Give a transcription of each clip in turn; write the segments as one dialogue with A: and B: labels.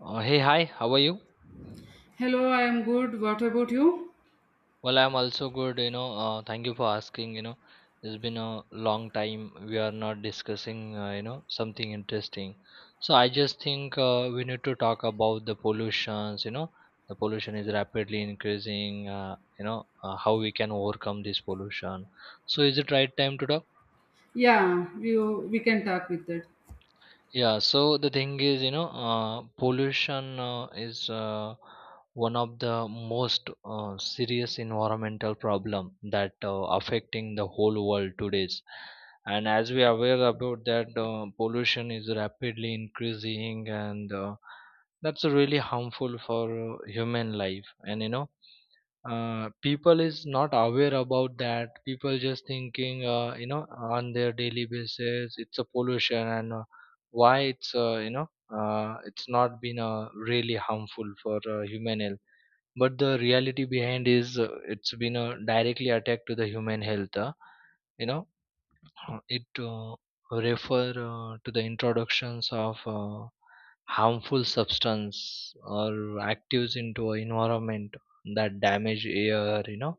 A: Hey, hi, how are you?
B: Hello, I am good. What about you?
A: Well, I'm also good. Thank you for asking. It's been a long time we are not discussing, something interesting. So I just think we need to talk about the pollutions. The pollution is rapidly increasing, how we can overcome this pollution. So is it right time to talk?
B: Yeah, we can talk with that.
A: Yeah, so the thing is, pollution is one of the most serious environmental problem that affecting the whole world today's. And as we are aware about that, pollution is rapidly increasing, and that's really harmful for human life. And people is not aware about that. People just thinking on their daily basis it's a pollution, and why it's it's not been really harmful for human health. But the reality behind is, it's been a directly attack to the human health you know it refer to the introductions of harmful substance or actives into a environment that damage air,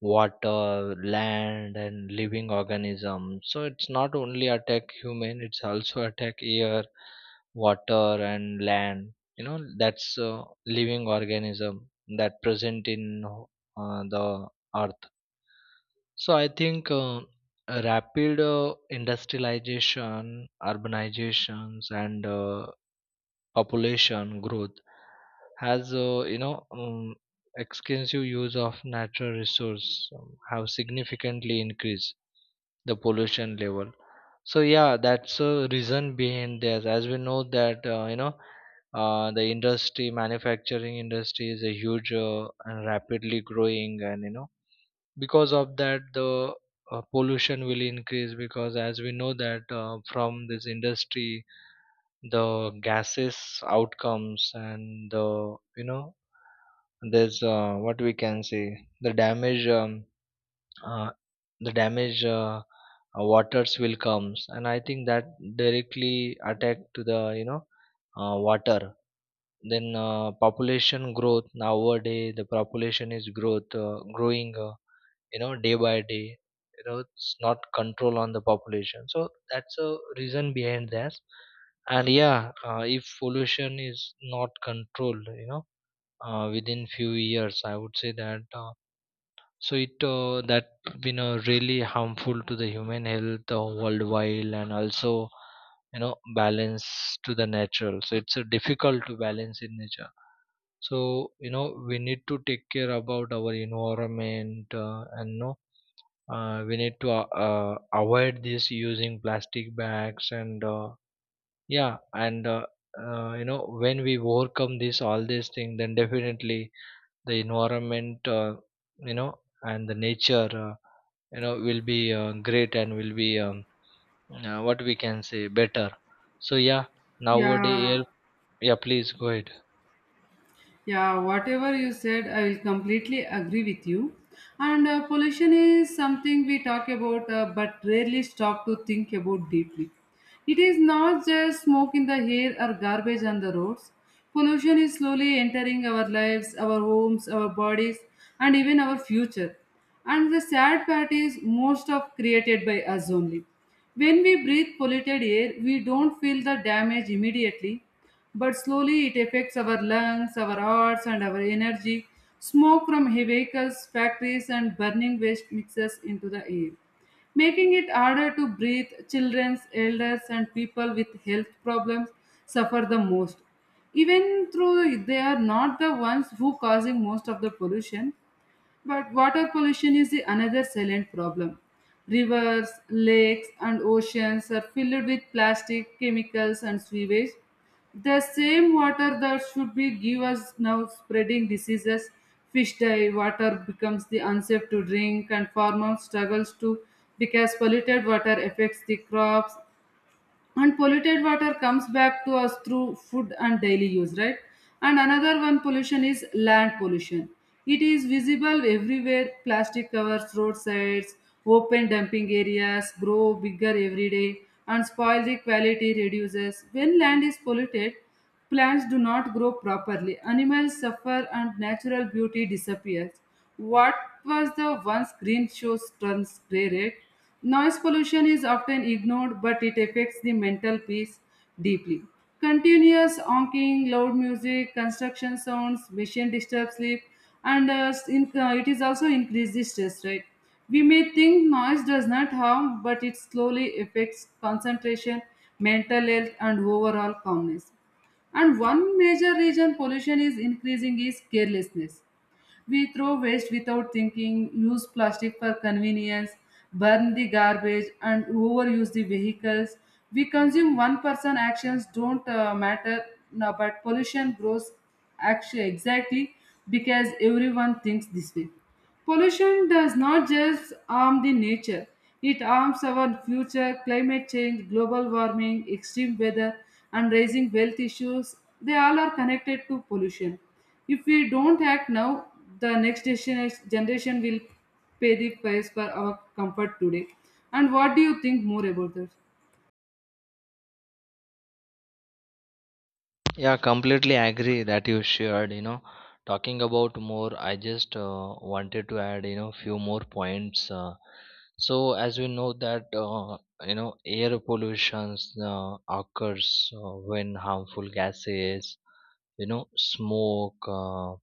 A: water, land, and living organism. So it's not only attack human, it's also attack air, water, and land. That's living organism that present in the earth. So I think rapid industrialization, urbanizations, and population growth has extensive use of natural resource have significantly increased the pollution level. So yeah, that's a reason behind this. As we know that the industry, manufacturing industry is a huge and rapidly growing, and because of that the pollution will increase, because as we know that from this industry the gases outcomes, and there's, what we can say, the damage um, uh, the damage, waters will comes, and I think that directly attack to the water. Then population growth. Nowadays the population is growth growing, day by day. It's not control on the population, so that's a reason behind that. And yeah, if pollution is not controlled, within few years I would say that so it that been really harmful to the human health, worldwide, and also you know balance to the natural. So it's difficult to balance in nature. So we need to take care about our environment, and no, we need to avoid this using plastic bags, and yeah, and when we overcome this all these things, then definitely the environment, and the nature, will be great, and will be what we can say, better. So yeah,
B: Yeah,
A: nowadays. Yeah, please go ahead.
B: yeah, whatever you said, I will completely agree with you. And pollution is something we talk about but rarely stop to think about deeply. It is not just smoke in the air or garbage on the roads. Pollution is slowly entering our lives, our homes, our bodies, and even our future. And the sad part is, most of created by us only. When we breathe polluted air, we don't feel the damage immediately, but slowly it affects our lungs, our hearts, and our energy. Smoke from vehicles, factories, and burning waste mixes into the air, making it harder to breathe. Children, elders, and people with health problems suffer the most, even though they are not the ones who causing most of the pollution. But water pollution is the another silent problem. Rivers, lakes, and oceans are filled with plastic, chemicals, and sewage. The same water that should be give us now spreading diseases. Fish die, water becomes the unsafe to drink, and farmers struggles to because polluted water affects the crops, and polluted water comes back to us through food and daily use, right? And another one pollution is land pollution. It is visible everywhere. Plastic covers roadsides, open dumping areas grow bigger every day and spoil the quality reduces. When land is polluted, plants do not grow properly, animals suffer, and natural beauty disappears. What was the once green shows turns grey red? Noise pollution is often ignored, but it affects the mental peace deeply. Continuous honking, loud music, construction sounds, machine disturb sleep, and it is also increased the stress, right? We may think noise does not harm, but it slowly affects concentration, mental health, and overall calmness. And one major reason pollution is increasing is carelessness. We throw waste without thinking, use plastic for convenience, burn the garbage, and overuse the vehicles. We consume one person actions don't matter, no, but pollution grows actually exactly because everyone thinks this way. Pollution does not just harm the nature, it harms our future. Climate change, global warming, extreme weather, and rising wealth issues, they all are connected to pollution. If we don't act now, the next generation will pay the price for our comfort today. And what do you think more about that?
A: Yeah, completely agree that you shared. Talking about more, I just wanted to add, few more points. So as we know that, air pollution occurs when harmful gases, smoke,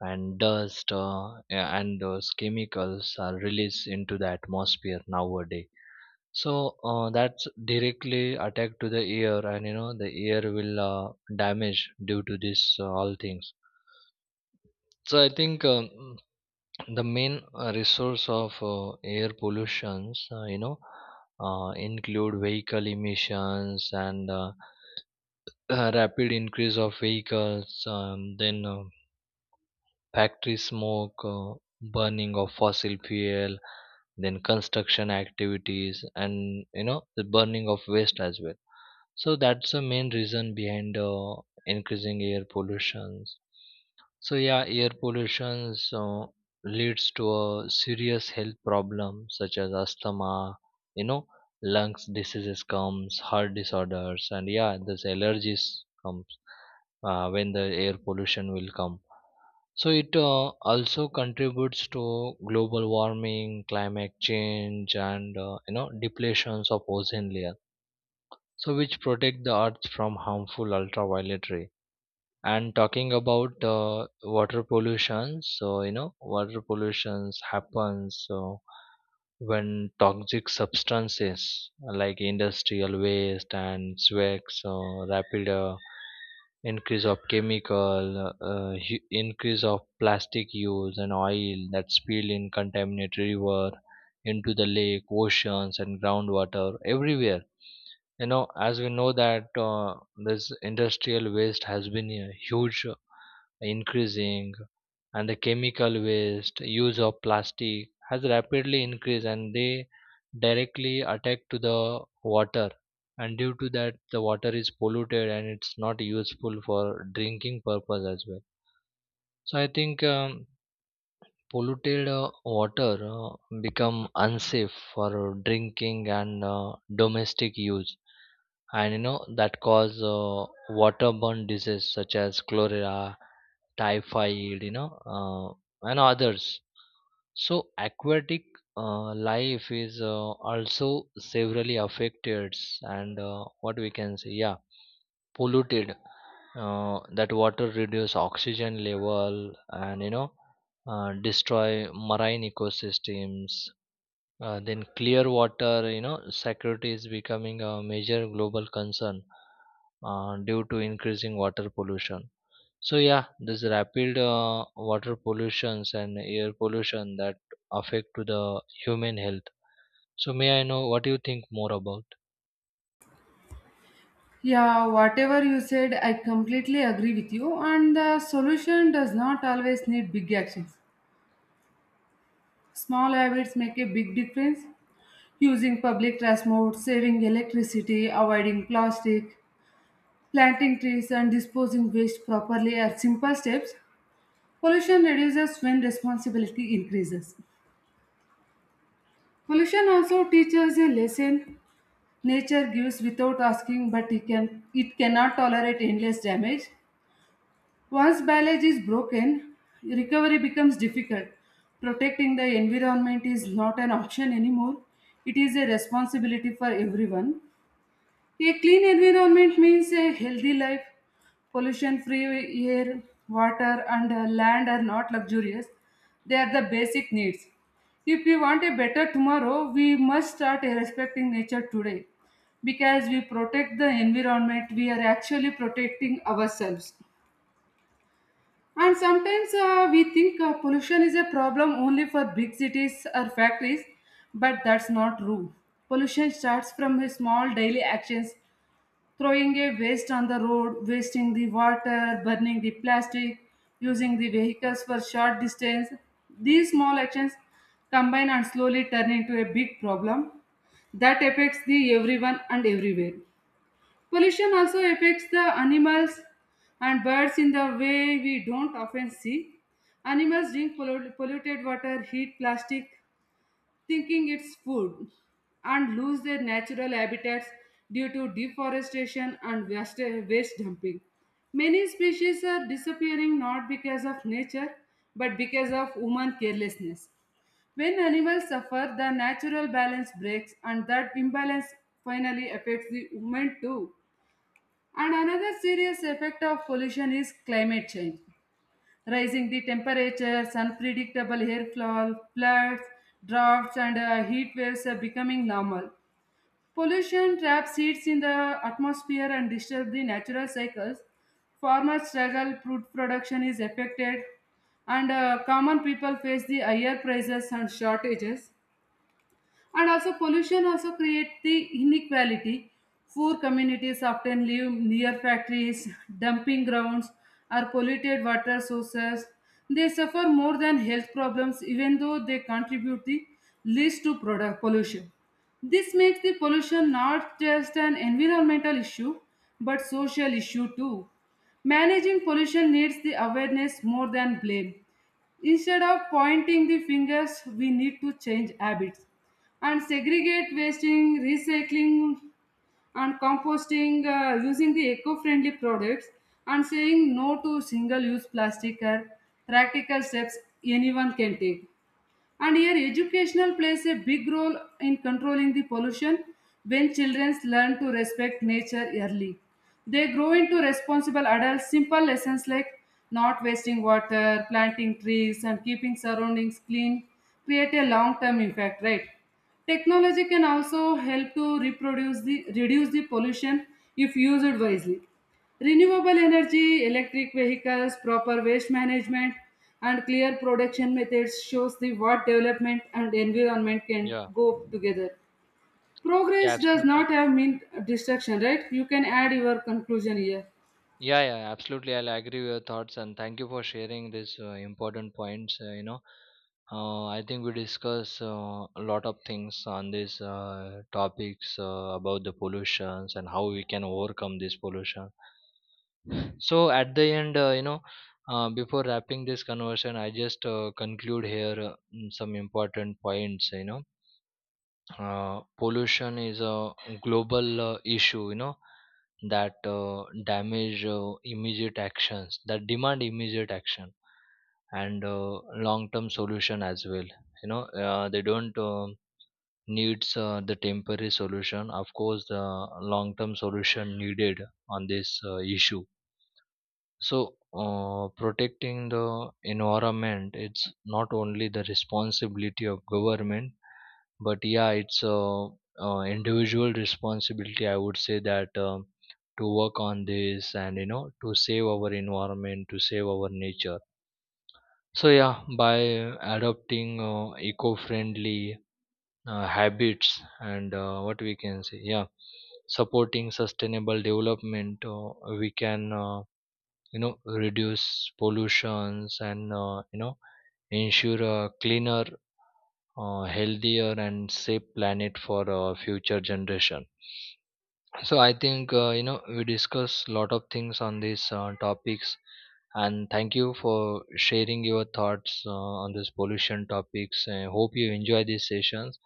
A: and dust, and those chemicals are released into the atmosphere nowadays. So that's directly attack to the ear, and the ear will damage due to this all things. So I think the main resource of air pollutions, include vehicle emissions and rapid increase of vehicles, then factory smoke, burning of fossil fuel, then construction activities, and the burning of waste as well. So that's the main reason behind increasing air pollutions. So yeah, air pollution leads to a serious health problem such as asthma, you know, lungs diseases comes, heart disorders, and yeah, this allergies comes when the air pollution will come. So it also contributes to global warming, climate change, and depletions of ozone layer, so which protect the earth from harmful ultraviolet ray. And talking about water pollution. So water pollution happens. So when toxic substances like industrial waste and swags, so rapid increase of chemical, increase of plastic use and oil that spill in contaminated river into the lake, oceans, and groundwater everywhere. As we know that this industrial waste has been huge, increasing, and the chemical waste use of plastic has rapidly increased, and they directly attack to the water. And due to that the water is polluted, and it's not useful for drinking purpose as well. So I think polluted water become unsafe for drinking and domestic use. And that cause waterborne diseases such as cholera, typhoid, uh, and others. So aquatic life is also severely affected. And what we can say, yeah, polluted, that water reduce oxygen level, and destroy marine ecosystems. Then clear water, security is becoming a major global concern, due to increasing water pollution. So yeah, this rapid water pollutions and air pollution that affect to the human health. So may I know what do you think more about?
B: Yeah, whatever you said, I completely agree with you. And the solution does not always need big actions. Small habits make a big difference. Using public transport, saving electricity, avoiding plastic, planting trees, and disposing waste properly are simple steps. Pollution reduces when responsibility increases. Pollution also teaches a lesson. Nature gives without asking, but it cannot tolerate endless damage. Once biology is broken, recovery becomes difficult. Protecting the environment is not an option anymore, it is a responsibility for everyone. A clean environment means a healthy life. Pollution free air, water, and land are not luxurious, they are the basic needs. If we want a better tomorrow, we must start respecting nature today. Because we protect the environment, we are actually protecting ourselves. And sometimes we think pollution is a problem only for big cities or factories, but that's not true. Pollution starts from a small daily actions: throwing a waste on the road, wasting the water, burning the plastic, using the vehicles for short distance. These small actions combine and slowly turn into a big problem that affects the everyone and everywhere. Pollution also affects the animals and birds in the way we don't often see. Animals drink polluted water, eat plastic, thinking it's food, and lose their natural habitats due to deforestation and waste dumping. Many species are disappearing not because of nature but because of human carelessness. When animals suffer, the natural balance breaks, and that imbalance finally affects the human too. And another serious effect of pollution is climate change. Rising the temperatures, unpredictable airflow, floods, droughts, and heat waves are becoming normal. Pollution traps heats in the atmosphere and disturbs the natural cycles. Farmers struggle, food production is affected, and common people face the higher prices and shortages. And also pollution also create the inequality. Poor communities often live near factories, dumping grounds, or polluted water sources. They suffer more than health problems even though they contribute the least to product pollution. This makes the pollution not just an environmental issue but social issue too. Managing pollution needs the awareness more than blame. Instead of pointing the fingers, we need to change habits and segregate wasting, recycling, and composting, using the eco friendly products and saying no to single use plastic are practical steps anyone can take. And here, educational plays a big role in controlling the pollution when children learn to respect nature early. They grow into responsible adults. Simple lessons like not wasting water, planting trees, and keeping surroundings clean create a long term impact, right? Technology can also help to reduce the pollution if used wisely. Renewable energy, electric vehicles, proper waste management, and clear production methods shows the what development and environment can
A: Yeah,
B: go together.
A: yeah,
B: Progress does
A: absolutely.
B: not have mean destruction, right? You can add your conclusion here.
A: Yeah, yeah, absolutely. I'll agree with your thoughts, and thank you for sharing these important points. I think we discuss a lot of things on these topics about the pollutions and how we can overcome this pollution. So at the end, before wrapping this conversation, I just conclude here some important points. Pollution is a global issue, that damage, immediate actions that demand immediate action, and long term solution as well. They don't needs the temporary solution, of course the long term solution needed on this issue. So, protecting the environment, it's not only the responsibility of government, but yeah, it's a, individual responsibility. I would say that to work on this, and to save our environment, to save our nature. So yeah, by adopting eco-friendly habits, and what we can say, yeah, supporting sustainable development, we can. Reduce pollutions, and ensure a cleaner, healthier, and safe planet for future generation. So I think, we discuss a lot of things on these topics, and thank you for sharing your thoughts on this pollution topics. I hope you enjoy these sessions.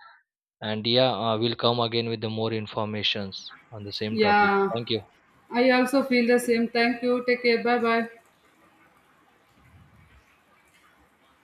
A: And yeah, we'll come again with the more informations on the same topic.
B: Yeah,
A: Thank you.
B: I also feel the same. Thank you. Take care. Bye bye.